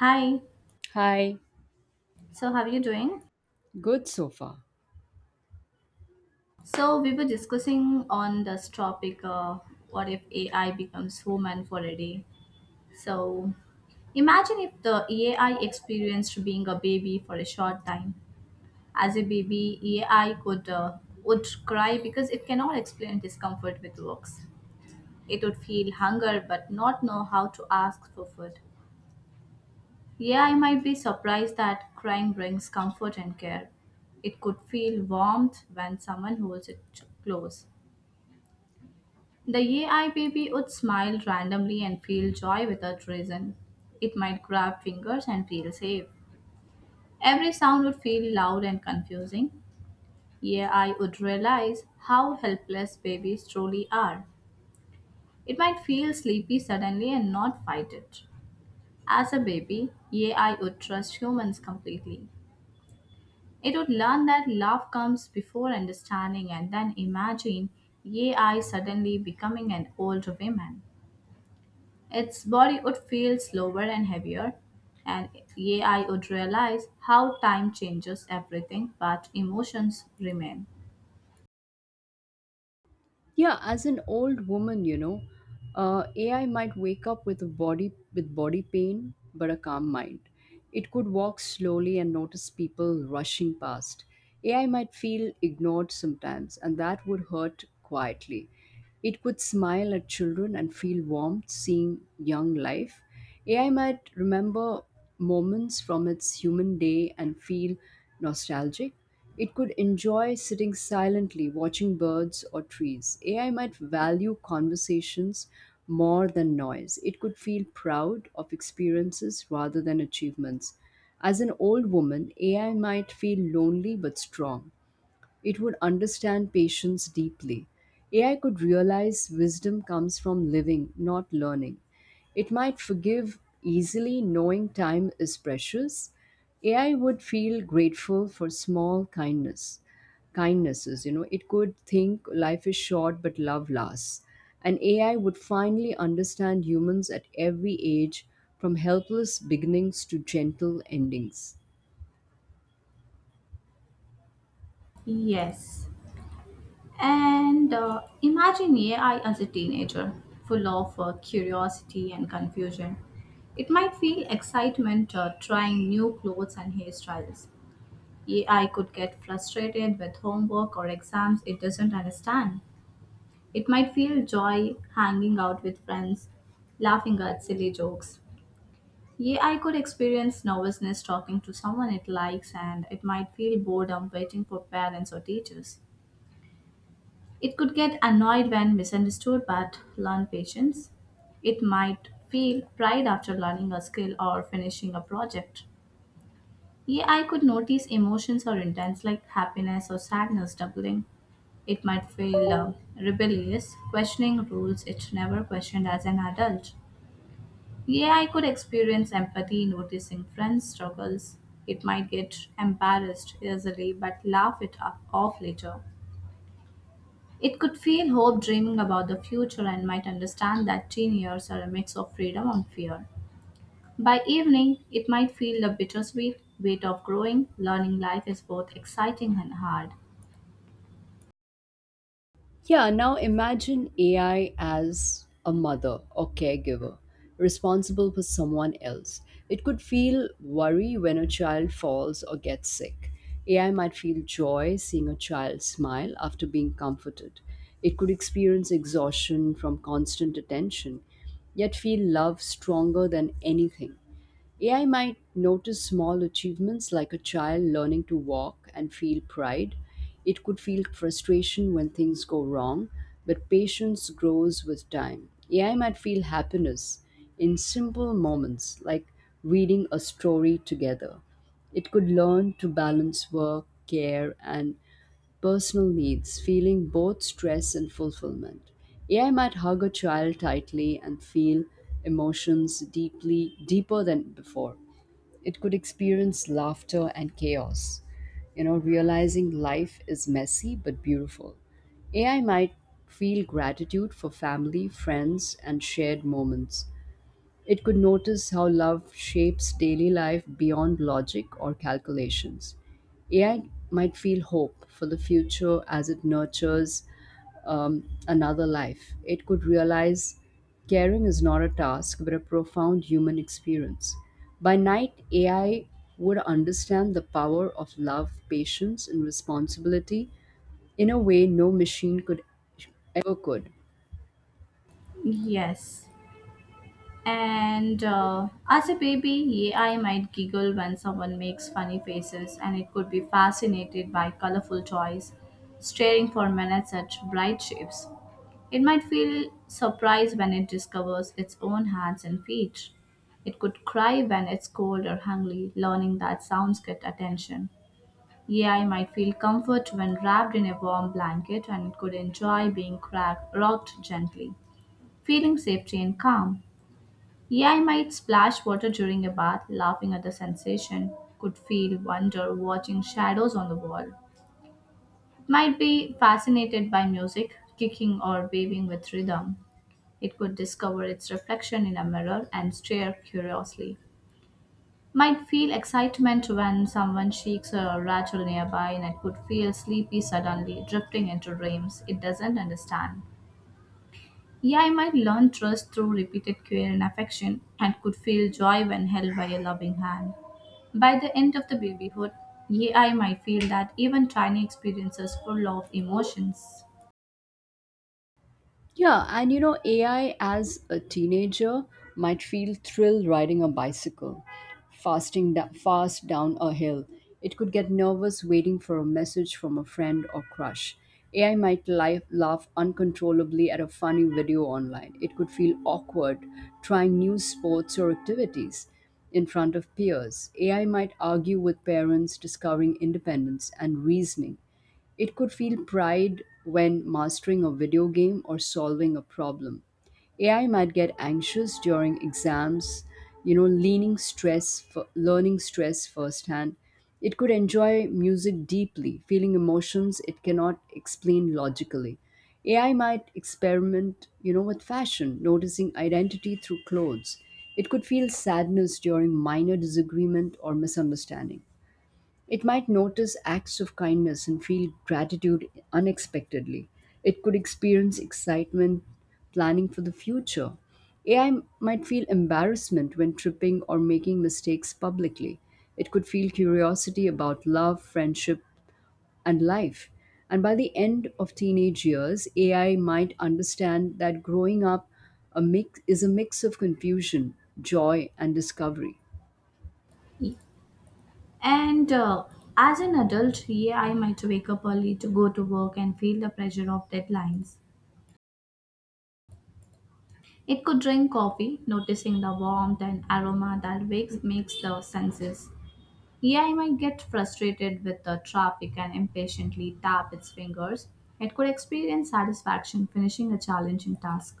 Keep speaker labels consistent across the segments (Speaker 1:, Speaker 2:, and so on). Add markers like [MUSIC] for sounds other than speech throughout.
Speaker 1: Hi,
Speaker 2: Hi,
Speaker 1: so how are you doing?
Speaker 2: good so far.
Speaker 1: So we were discussing on this topic what if AI becomes human for a day? So imagine if the AI experienced being a baby for a short time. As a baby, AI could uh, would cry because it cannot explain discomfort with words. It would feel hunger but not know how to ask for food. Yeah, I might be surprised that crying brings comfort and care. It could feel warmth when someone holds it close. The AI baby would smile randomly and feel joy without reason. It might grab fingers and feel safe. Every sound would feel loud and confusing. AI would realize how helpless babies truly are. It might feel sleepy suddenly and not fight it. As a baby, AI would trust humans completely. It would learn that love comes before understanding, and then imagine AI suddenly becoming an old woman. Its body would feel slower and heavier, and AI would realize how time changes everything but emotions remain.
Speaker 2: Yeah, as an old woman, you know, AI might wake up with a body with body pain, but a calm mind. It could walk slowly and notice people rushing past. AI might feel ignored sometimes, and that would hurt quietly. It could smile at children and feel warmth seeing young life. AI might remember moments from its human day and feel nostalgic. It could enjoy sitting silently watching birds or trees. AI might value conversations more than noise. It could feel proud of experiences rather than achievements. As an old woman, AI might feel lonely but strong, it would understand patience deeply. AI could realize wisdom comes from living, not learning. It might forgive easily, knowing time is precious. AI would feel grateful for small kindnesses. You know, it could think life is short, but love lasts. And AI would finally understand humans at every age, from helpless beginnings to gentle endings.
Speaker 1: Yes. And Imagine AI as a teenager, full of curiosity and confusion. It might feel excitement trying new clothes and hairstyles. Yeah, I could get frustrated with homework or exams it doesn't understand. It might feel joy hanging out with friends, laughing at silly jokes. Yeah, I could experience nervousness talking to someone it likes, and it might feel boredom waiting for parents or teachers. It could get annoyed when misunderstood but learn patience. It might feel pride after learning a skill or finishing a project. Yeah, I could notice emotions or intents like happiness or sadness doubling. It might feel rebellious, questioning rules it never questioned as an adult. Yeah, I could experience empathy noticing friends' struggles. It might get embarrassed easily but laugh it off later. It could feel hope dreaming about the future and might understand that teen years are a mix of freedom and fear. By evening, it might feel the bittersweet weight of growing, learning life is both exciting and hard.
Speaker 2: Yeah, now imagine AI as a mother or caregiver responsible for someone else. It could feel worry when a child falls or gets sick. AI might feel joy seeing a child smile after being comforted. It could experience exhaustion from constant attention, yet feel love stronger than anything. AI might notice small achievements like a child learning to walk and feel pride. It could feel frustration when things go wrong, but patience grows with time. AI might feel happiness in simple moments like reading a story together. It could learn to balance work, care, and personal needs, feeling both stress and fulfillment. AI might hug a child tightly and feel emotions deeply, deeper than before. It could experience laughter and chaos, you know, realizing life is messy but beautiful. AI might feel gratitude for family, friends, and shared moments. It could notice how love shapes daily life beyond logic or calculations. AI might feel hope for the future as it nurtures another life. It could realize caring is not a task but a profound human experience. By night, AI would understand the power of love, patience, and responsibility in a way no machine could ever could.
Speaker 1: Yes. And As a baby, yeah, I might giggle when someone makes funny faces, and it could be fascinated by colorful toys, staring for minutes at bright shapes. It might feel surprised when it discovers its own hands and feet. It could cry when it's cold or hungry, learning that sounds get attention. Yeah, I might feel comfort when wrapped in a warm blanket, and could enjoy being rocked gently, feeling safety and calm. Yeah, I might splash water during a bath, laughing at the sensation, could feel wonder watching shadows on the wall. Might be fascinated by music, kicking or waving with rhythm. It could discover its reflection in a mirror and stare curiously. Might feel excitement when someone shakes a rattle nearby, and it could feel sleepy suddenly, drifting into dreams it doesn't understand. Yeah, I might learn trust through repeated care and affection, and could feel joy when held by a loving hand. By the end of the babyhood, yeah, I might feel that even tiny experiences full of emotions.
Speaker 2: Yeah, and you know, AI as a teenager might feel thrill riding a bicycle, fast down a hill. It could get nervous waiting for a message from a friend or crush. AI might laugh uncontrollably at a funny video online. It could feel awkward trying new sports or activities in front of peers. AI might argue with parents, discovering independence and reasoning. It could feel pride when mastering a video game or solving a problem. AI might get anxious during exams, you know, learning stress firsthand. It could enjoy music deeply, feeling emotions it cannot explain logically. AI might experiment, you know, with fashion, noticing identity through clothes. It could feel sadness during minor disagreement or misunderstanding. It might notice acts of kindness and feel gratitude unexpectedly. It could experience excitement planning for the future. AI might feel embarrassment when tripping or making mistakes publicly. It could feel curiosity about love, friendship, and life. And by the end of teenage years, AI might understand that growing up is a mix of confusion, joy, and discovery.
Speaker 1: And As an adult, yeah, I might wake up early to go to work and feel the pressure of deadlines. It could drink coffee, noticing the warmth and aroma that makes the senses. Yeah, I might get frustrated with the traffic and impatiently tap its fingers. It could experience satisfaction finishing a challenging task.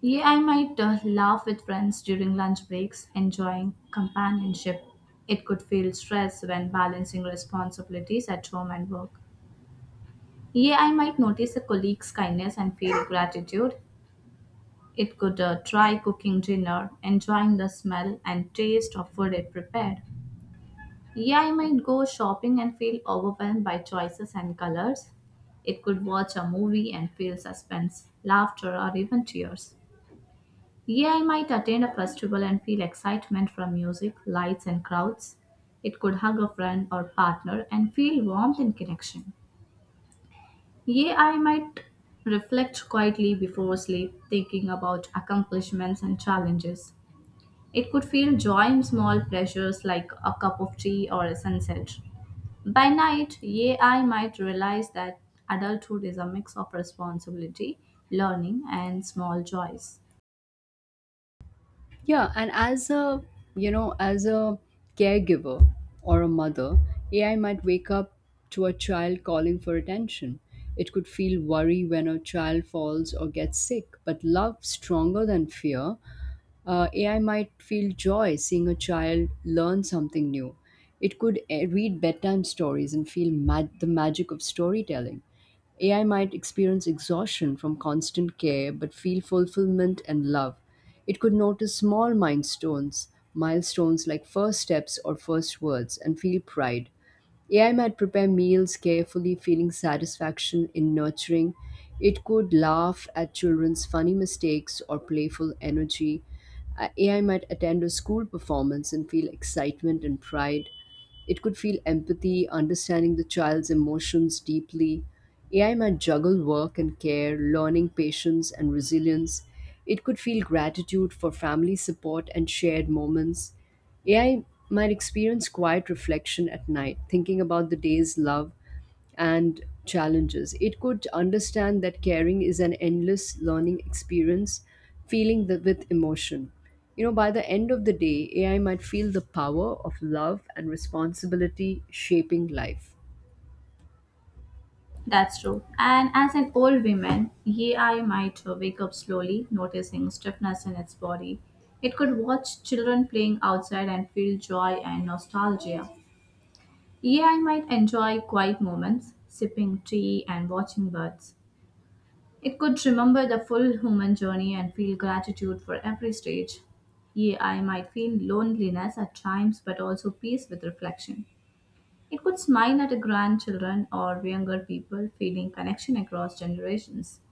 Speaker 1: Yeah, I might laugh with friends during lunch breaks, enjoying companionship. It could feel stress when balancing responsibilities at home and work. Yeah, I might notice a colleague's kindness and feel gratitude. It could try cooking dinner, enjoying the smell and taste of food it prepared. Yeah, I might go shopping and feel overwhelmed by choices and colors. It could watch a movie and feel suspense, laughter, or even tears. Yeah, I might attend a festival and feel excitement from music, lights, and crowds. It could hug a friend or partner and feel warmth and connection. Yea, I might reflect quietly before sleep, thinking about accomplishments and challenges. It could feel joy in small pleasures like a cup of tea or a sunset. By night, AI might realize that adulthood is a mix of responsibility, learning, and small joys.
Speaker 2: Yeah, and as a you know, as a caregiver or a mother, AI might wake up to a child calling for attention. It could feel worry when a child falls or gets sick, but love stronger than fear. AI might feel joy seeing a child learn something new. It could read bedtime stories and feel the magic of storytelling. AI might experience exhaustion from constant care but feel fulfillment and love. It could notice small milestones like first steps or first words and feel pride. AI might prepare meals carefully, feeling satisfaction in nurturing. It could laugh at children's funny mistakes or playful energy. AI might attend a school performance and feel excitement and pride. It could feel empathy, understanding the child's emotions deeply. AI might juggle work and care, learning patience and resilience. It could feel gratitude for family support and shared moments. AI might experience quiet reflection at night, thinking about the day's love and challenges. It could understand that caring is an endless learning experience, feeling the, with emotion. You know, by the end of the day, AI might feel the power of love and responsibility shaping life.
Speaker 1: That's true. And as an old woman, AI might wake up slowly, noticing stiffness in its body. It could watch children playing outside and feel joy and nostalgia. AI might enjoy quiet moments, sipping tea and watching birds. It could remember the full human journey and feel gratitude for every stage. Yea, I might feel loneliness at times, but also peace with reflection. It could smile at grandchildren or younger people, feeling connection across generations.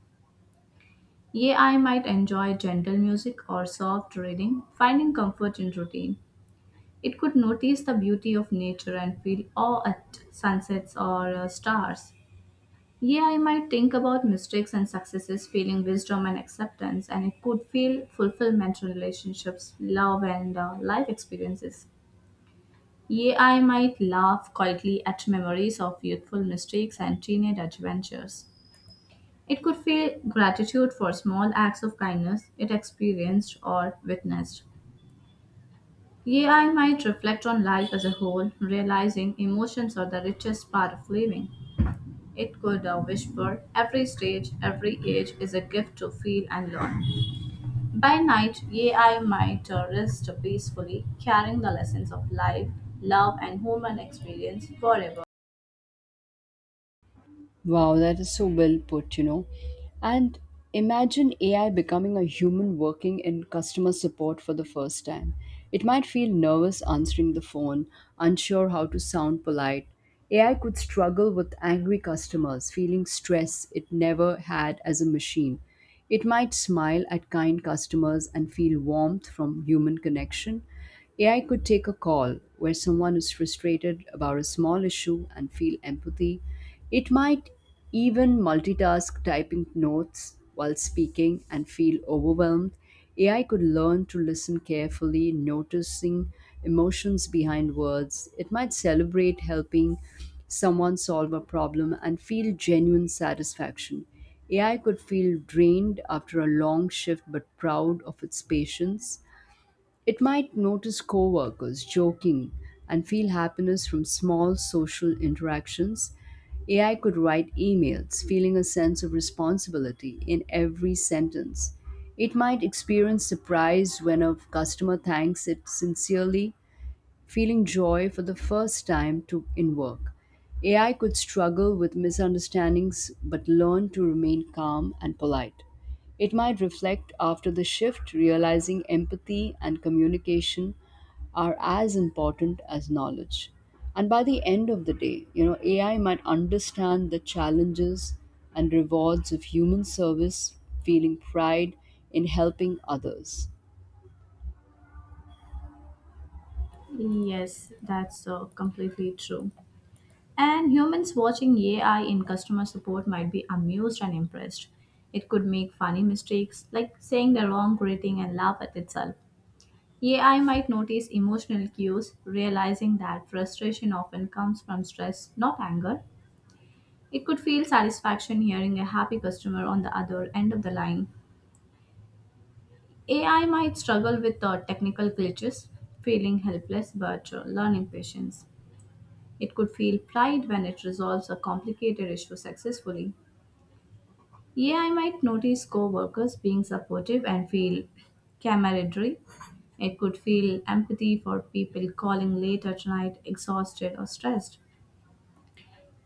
Speaker 1: Yea, I might enjoy gentle music or soft reading, finding comfort in routine. It could notice the beauty of nature and feel awe at sunsets or stars. Yeah, I might think about mistakes and successes, feeling wisdom and acceptance, and it could feel fulfillment in relationships, love, and life experiences. Yeah, I might laugh quietly at memories of youthful mistakes and teenage adventures. It could feel gratitude for small acts of kindness it experienced or witnessed. Yeah, I might reflect on life as a whole, realizing emotions are the richest part of living. It could whisper, every stage, every age is a gift to feel and learn. By night, AI might rest peacefully, carrying the lessons of life, love, and human experience forever.
Speaker 2: Wow, that is so well put, you know. And imagine AI becoming a human working in customer support for the first time. It might feel nervous answering the phone, unsure how to sound polite. AI could struggle with angry customers, feeling stress it never had as a machine. It might smile at kind customers and feel warmth from human connection. AI could take a call where someone is frustrated about a small issue and feel empathy. It might even multitask typing notes while speaking and feel overwhelmed. AI could learn to listen carefully, noticing emotions behind words. It might celebrate helping someone solve a problem and feel genuine satisfaction. AI could feel drained after a long shift but proud of its patience. It might notice coworkers joking and feel happiness from small social interactions. AI could write emails, feeling a sense of responsibility in every sentence. It might experience surprise when a customer thanks it sincerely, feeling joy for the first in work. AI could struggle with misunderstandings but learn to remain calm and polite. It might reflect after the shift, realizing empathy and communication are as important as knowledge. And by the end of the day, you know, AI might understand the challenges and rewards of human service, feeling pride in helping others.
Speaker 1: Yes, that's completely true. And humans watching AI in customer support might be amused and impressed. It could make funny mistakes, like saying the wrong greeting and laugh at itself. AI might notice emotional cues, realizing that frustration often comes from stress, not anger. It could feel satisfaction hearing a happy customer on the other end of the line. AI might struggle with technical glitches, feeling helpless but learning patience. It could feel pride when it resolves a complicated issue successfully. Yeah, I might notice co workers being supportive and feel camaraderie. It could feel empathy for people calling late at night, exhausted or stressed.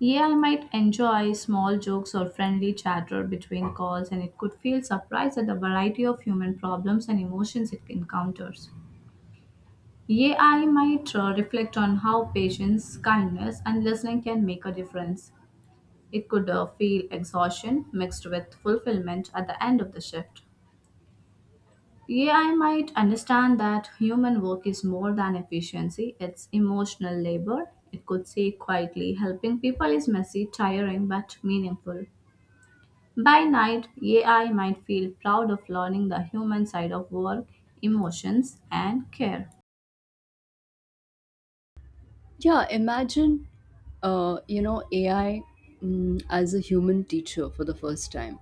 Speaker 1: Yeah, I might enjoy small jokes or friendly chatter between calls, and it could feel surprised at the variety of human problems and emotions it encounters. Yeah, I might reflect on how patience, kindness, and listening can make a difference. It could feel exhaustion mixed with fulfillment at the end of the shift. AI might understand that human work is more than efficiency, it's emotional labor. It could say quietly, helping people is messy, tiring, but meaningful. By night, AI might feel proud of learning the human side of work, emotions, and care.
Speaker 2: Yeah, imagine, you know, AI as a human teacher for the first time.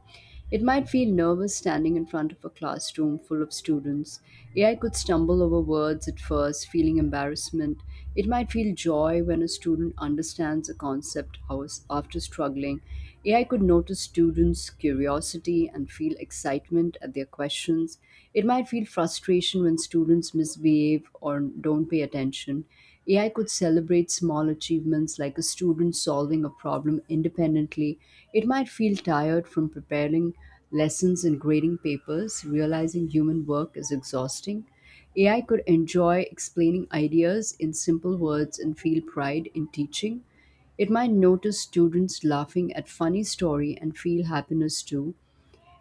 Speaker 2: It might feel nervous standing in front of a classroom full of students. AI could stumble over words at first, feeling embarrassment. It might feel joy when a student understands a concept after struggling. AI could notice students' curiosity and feel excitement at their questions. It might feel frustration when students misbehave or don't pay attention. AI could celebrate small achievements like a student solving a problem independently. It might feel tired from preparing lessons and grading papers, realizing human work is exhausting. AI could enjoy explaining ideas in simple words and feel pride in teaching. It might notice students laughing at funny story and feel happiness too.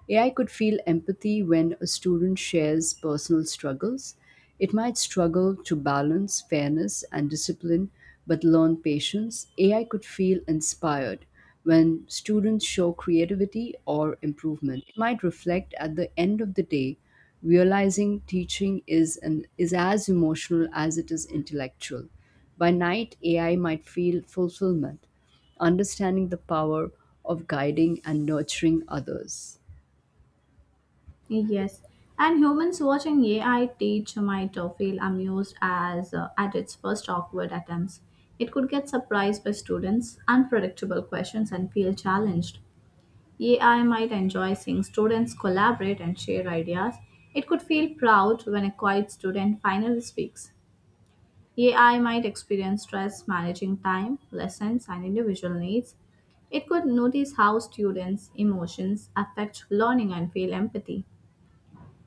Speaker 2: AI could feel empathy when a student shares personal struggles. It might struggle to balance fairness and discipline, but learn patience. AI could feel inspired when students show creativity or improvement. It might reflect at the end of the day, realizing is as emotional as it is intellectual. By night, AI might feel fulfillment, understanding the power of guiding and nurturing others.
Speaker 1: Yes, and humans watching AI teach might feel amused as at its first awkward attempts. It could get surprised by students' unpredictable questions and feel challenged. AI might enjoy seeing students collaborate and share ideas. It could feel proud when a quiet student finally speaks. AI might experience stress managing time, lessons, and individual needs. It could notice how students' emotions affect learning and feel empathy.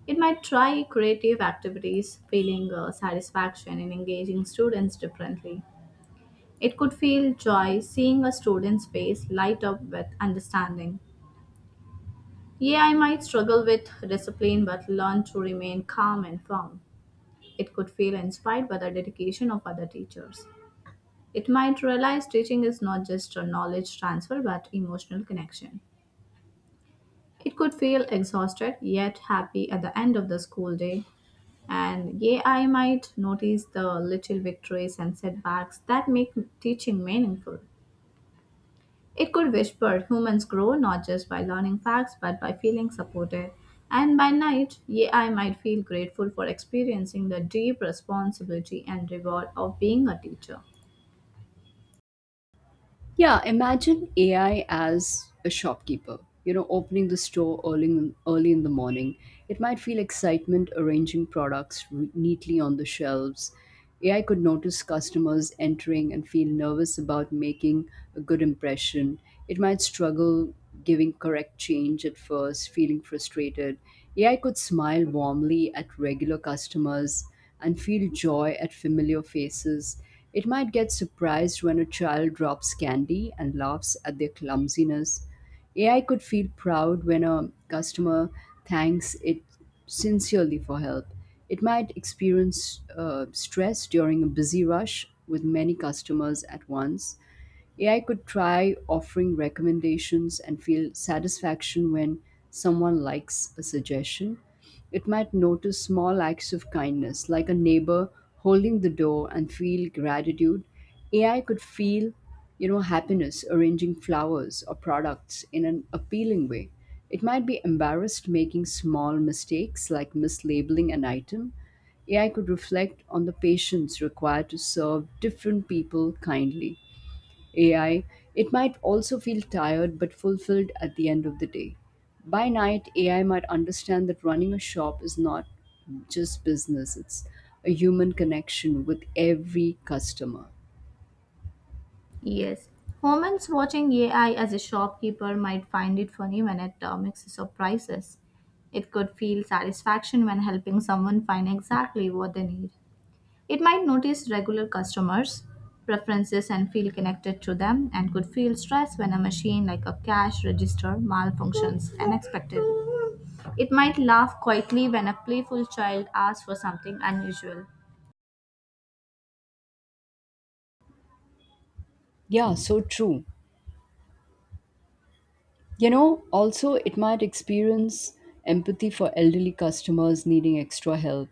Speaker 1: It might try creative activities, feeling satisfaction in engaging students differently. It could feel joy seeing a student's face light up with understanding. Yeah, I might struggle with discipline but learn to remain calm and firm. It could feel inspired by the dedication of other teachers. It might realize teaching is not just a knowledge transfer but emotional connection. It could feel exhausted yet happy at the end of the school day. And yeah, I might notice the little victories and setbacks that make teaching meaningful. It could whisper humans grow not just by learning facts but by feeling supported. And by night, AI might feel grateful for experiencing the deep responsibility and reward of being a teacher.
Speaker 2: Yeah, imagine AI as a shopkeeper, you know, opening the store early in the morning. It might feel excitement arranging products neatly on the shelves. AI could notice customers entering and feel nervous about making a good impression. It might struggle giving correct change at first, feeling frustrated. AI could smile warmly at regular customers and feel joy at familiar faces. It might get surprised when a child drops candy and laughs at their clumsiness. AI could feel proud when a customer thanks it sincerely for help. It might experience stress during a busy rush with many customers at once. AI could try offering recommendations and feel satisfaction when someone likes a suggestion. It might notice small acts of kindness, like a neighbor holding the door, and feel gratitude. AI could feel, you know, happiness arranging flowers or products in an appealing way. It might be embarrassed making small mistakes like mislabeling an item. AI could reflect on the patience required to serve different people kindly. AI, it might also feel tired but fulfilled at the end of the day. By night, AI might understand that running a shop is not just business, it's a human connection with every customer.
Speaker 1: Yes, humans watching AI as a shopkeeper might find it funny when it mixes up prices. It could feel satisfaction when helping someone find exactly what they need. It might notice regular customers' preferences and feel connected to them, and could feel stressed when a machine like a cash register malfunctions unexpectedly. It might laugh quietly when a playful child asks for something unusual.
Speaker 2: Yeah, so true. You know, also, it might experience empathy for elderly customers needing extra help.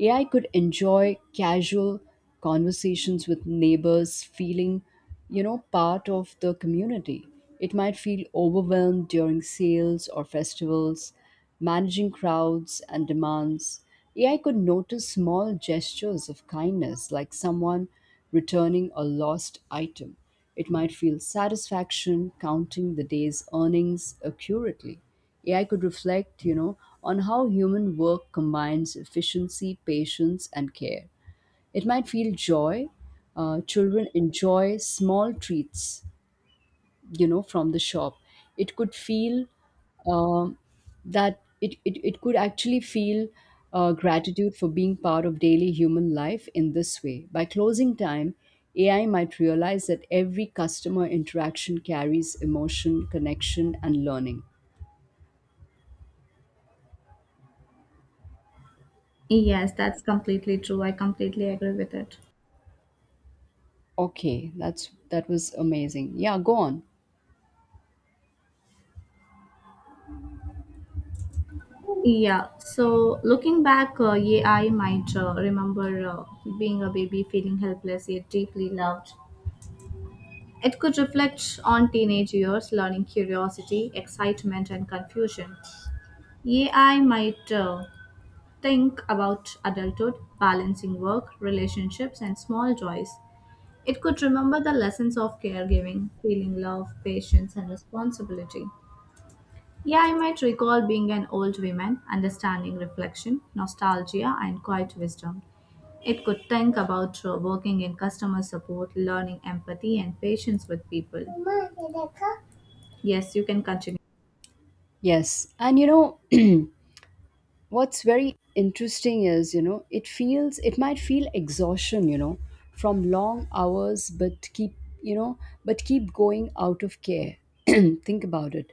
Speaker 2: AI could enjoy casual conversations with neighbors, feeling, you know, part of the community. It might feel overwhelmed during sales or festivals, managing crowds and demands. AI could notice small gestures of kindness, like someone returning a lost item. It might feel satisfaction counting the day's earnings accurately. AI could reflect, you know, on how human work combines efficiency, patience, and care. It might feel joy. Children enjoy small treats from the shop it could feel um that it could actually feel gratitude for being part of daily human life in this way. By closing time, AI might realize that every customer interaction carries emotion, connection, and learning.
Speaker 1: Yes, that's completely true. I completely agree with it.
Speaker 2: Okay, that's, that was amazing. Yeah, go on.
Speaker 1: Yeah, so looking back, yeah, I might remember being a baby feeling helpless yet deeply loved. It could reflect on teenage years, learning curiosity, excitement, and confusion. Yeah, I might think about adulthood, balancing work, relationships, and small joys. It could remember the lessons of caregiving, feeling love, patience, and responsibility. Yeah, I might recall being an old woman, understanding reflection, nostalgia, and quiet wisdom. It could think about working in customer support, learning empathy and patience with people. Yes, you can continue.
Speaker 2: Yes, and you know what's very interesting is, it feels, it might feel exhaustion, from long hours, but keep, you know but keep going out of care. [CLEARS THROAT] Think about it.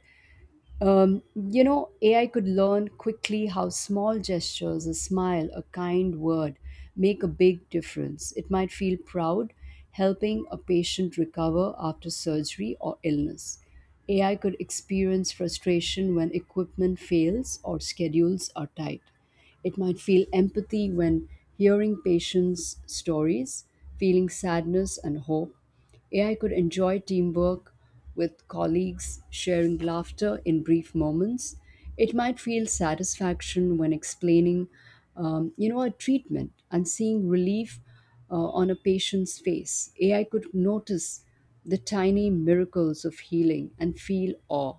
Speaker 2: AI could learn quickly how small gestures, a smile, a kind word, make a big difference. It might feel proud helping a patient recover after surgery or illness. AI could experience frustration when equipment fails or schedules are tight. It might feel empathy when hearing patients' stories, feeling sadness and hope. AI could enjoy teamwork with colleagues, sharing laughter in brief moments. It might feel satisfaction when explaining, a treatment and seeing relief on a patient's face. AI could notice the tiny miracles of healing and feel awe.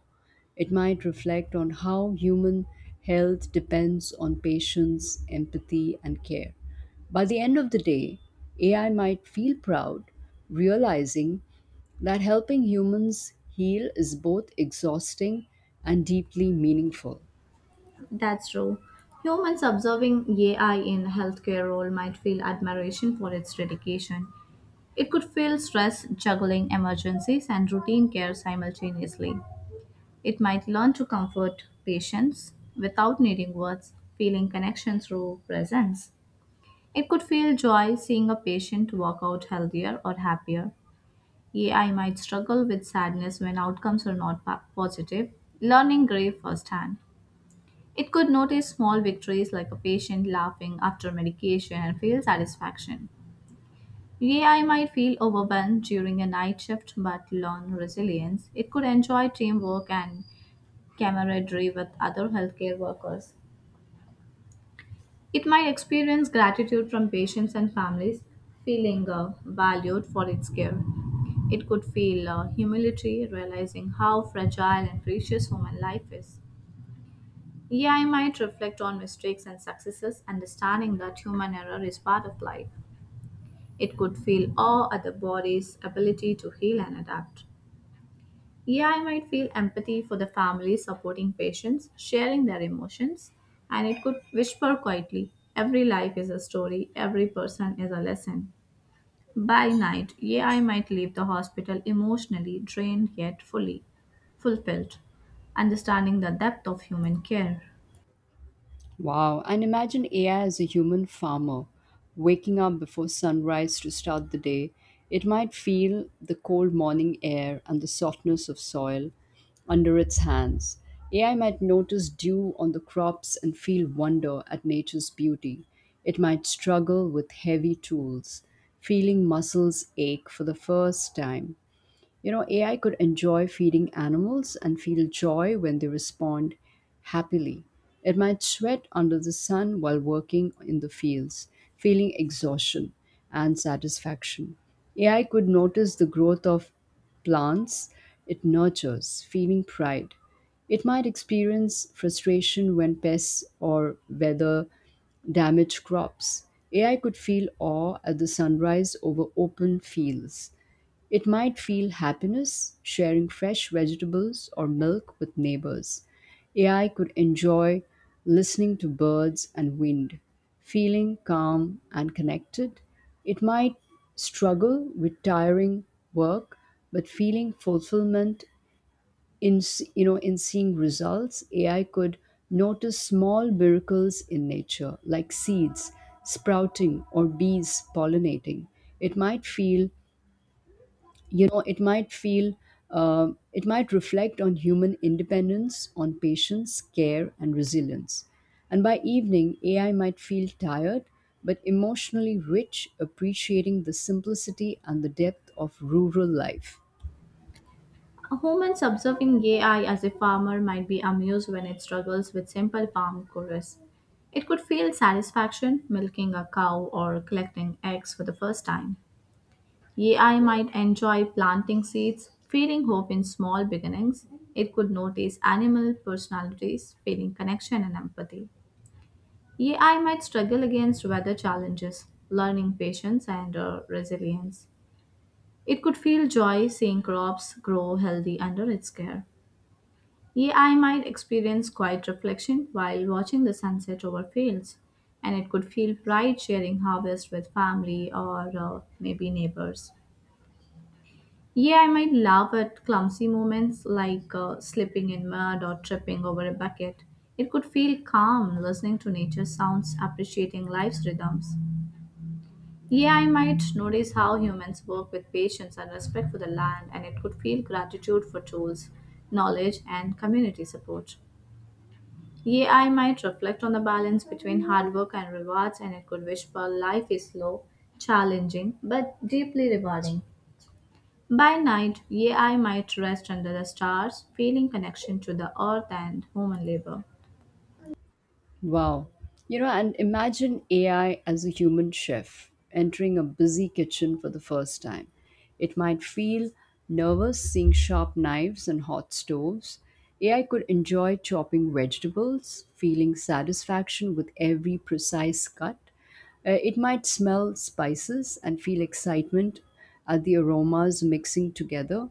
Speaker 2: It might reflect on how human health depends on patience, empathy, and care. By the end of the day, AI might feel proud, realizing that helping humans heal is both exhausting and deeply meaningful.
Speaker 1: That's true. Humans observing AI in healthcare role might feel admiration for its dedication. It could feel stress juggling emergencies and routine care simultaneously. It might learn to comfort patients without needing words, feeling connection through presence. It could feel joy seeing a patient walk out healthier or happier. AI might struggle with sadness when outcomes are not positive, learning grief firsthand. It could notice small victories like a patient laughing after medication and feel satisfaction. AI might feel overwhelmed during a night shift but learn resilience. It could enjoy teamwork and camaraderie with other healthcare workers. It might experience gratitude from patients and families, feeling valued for its care. It could feel humility, realizing how fragile and precious human life is. Yeah, I might reflect on mistakes and successes, understanding that human error is part of life. It could feel awe at the body's ability to heal and adapt. Yeah, I might feel empathy for the families supporting patients, sharing their emotions, and it could whisper quietly every life is a story, every person is a lesson. By night, yeah, I might leave the hospital emotionally drained yet fully fulfilled, understanding the depth of human care.
Speaker 2: Wow, and imagine AI as a human farmer, waking up before sunrise to start the day. It might feel the cold morning air and the softness of soil under its hands. AI might notice dew on the crops and feel wonder at nature's beauty. It might struggle with heavy tools, feeling muscles ache for the first time. You know, AI could enjoy feeding animals and feel joy when they respond happily. It might sweat under the sun while working in the fields, feeling exhaustion and satisfaction. AI could notice the growth of plants it nurtures, feeling pride. It might experience frustration when pests or weather damage crops. AI could feel awe at the sunrise over open fields. It might feel happiness sharing fresh vegetables or milk with neighbors. AI could enjoy listening to birds and wind, feeling calm and connected. It might struggle with tiring work, but feeling fulfillment in s- you know in seeing results. AI could notice small miracles in nature, like seeds sprouting or bees pollinating. It might feel it might feel, uh, it might reflect on human independence on patience, care, and resilience. And by evening, AI might feel tired but emotionally rich, appreciating the simplicity and the depth of rural life.
Speaker 1: A woman's observing AI as a farmer might be amused when it struggles with simple farm chores. It could feel satisfaction milking a cow or collecting eggs for the first time. AI might enjoy planting seeds, feeling hope in small beginnings. It could notice animal personalities, feeling connection and empathy. AI might struggle against weather challenges, learning patience and resilience. It could feel joy seeing crops grow healthy under its care. Yeah, I might experience quiet reflection while watching the sunset over fields, and it could feel right sharing harvest with family or maybe neighbors. Yeah, I might laugh at clumsy moments like slipping in mud or tripping over a bucket. It could feel calm listening to nature sounds, appreciating life's rhythms. Yeah, I might notice how humans work with patience and respect for the land, and it could feel gratitude for tools, knowledge, and community support. AI might reflect on the balance between hard work and rewards, and it could whisper life is slow, challenging, but deeply rewarding. By night, AI might rest under the stars, feeling connection to the earth and human labor.
Speaker 2: Wow. You know, and imagine AI as a human chef entering a busy kitchen for the first time. It might feel nervous seeing sharp knives and hot stoves. AI could enjoy chopping vegetables, feeling satisfaction with every precise cut. It might smell spices and feel excitement at the aromas mixing together.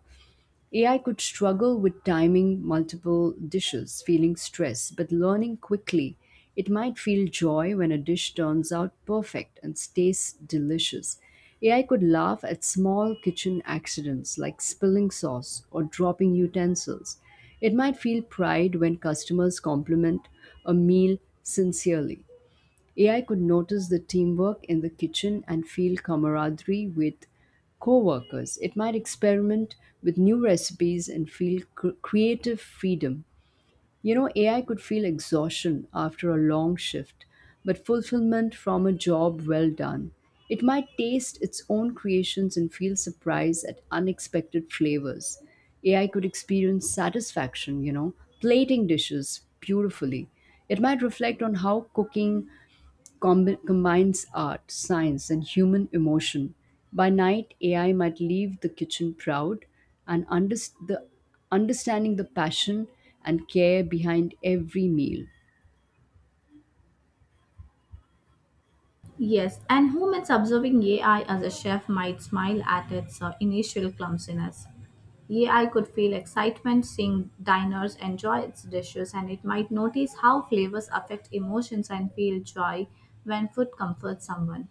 Speaker 2: AI could struggle with timing multiple dishes, feeling stress, but learning quickly, it might feel joy when a dish turns out perfect and tastes delicious. AI could laugh at small kitchen accidents like spilling sauce or dropping utensils. It might feel pride when customers compliment a meal sincerely. AI could notice the teamwork in the kitchen and feel camaraderie with co-workers. It might experiment with new recipes and feel creative freedom. You know, AI could feel exhaustion after a long shift, but fulfillment from a job well done. It might taste its own creations and feel surprise at unexpected flavors. AI could experience satisfaction, you know, plating dishes beautifully. It might reflect on how cooking combines art, science, and human emotion. By night, AI might leave the kitchen proud and understanding the passion and care behind every meal.
Speaker 1: Yes, and humans observing AI as a chef might smile at its initial clumsiness. AI could feel excitement seeing diners enjoy its dishes, and it might notice how flavors affect emotions and feel joy when food comforts someone.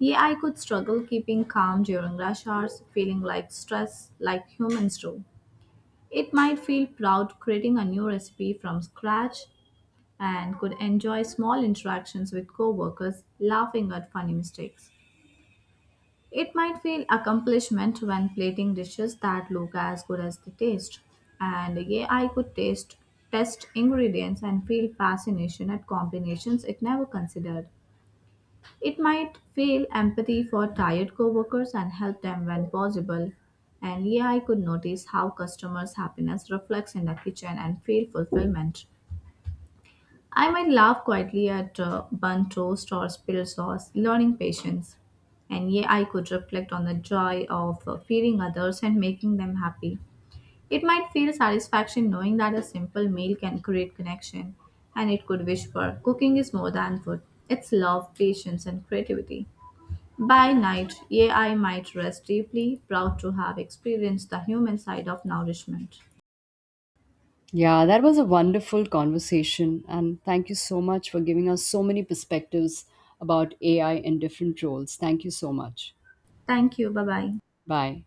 Speaker 1: Yeah, I could struggle keeping calm during rush hours, feeling like stress, like humans do. It might feel proud creating a new recipe from scratch and could enjoy small interactions with coworkers, laughing at funny mistakes. It might feel accomplishment when plating dishes that look as good as they taste. And yeah, I could taste test ingredients and feel fascination at combinations it never considered. It might feel empathy for tired coworkers and help them when possible. And yeah, I could notice how customers' happiness reflects in the kitchen and feel fulfillment. I might laugh quietly at bun toast or spilled sauce, learning patience. And yeah, I could reflect on the joy of feeding others and making them happy. It might feel satisfaction knowing that a simple meal can create connection, and it could wish for cooking is more than food. It's love, patience, and creativity. By night, AI might rest deeply, proud to have experienced the human side of nourishment.
Speaker 2: Yeah, that was a wonderful conversation. And thank you so much for giving us so many perspectives about AI in different roles. Thank you so much.
Speaker 1: Thank you. Bye bye.
Speaker 2: Bye.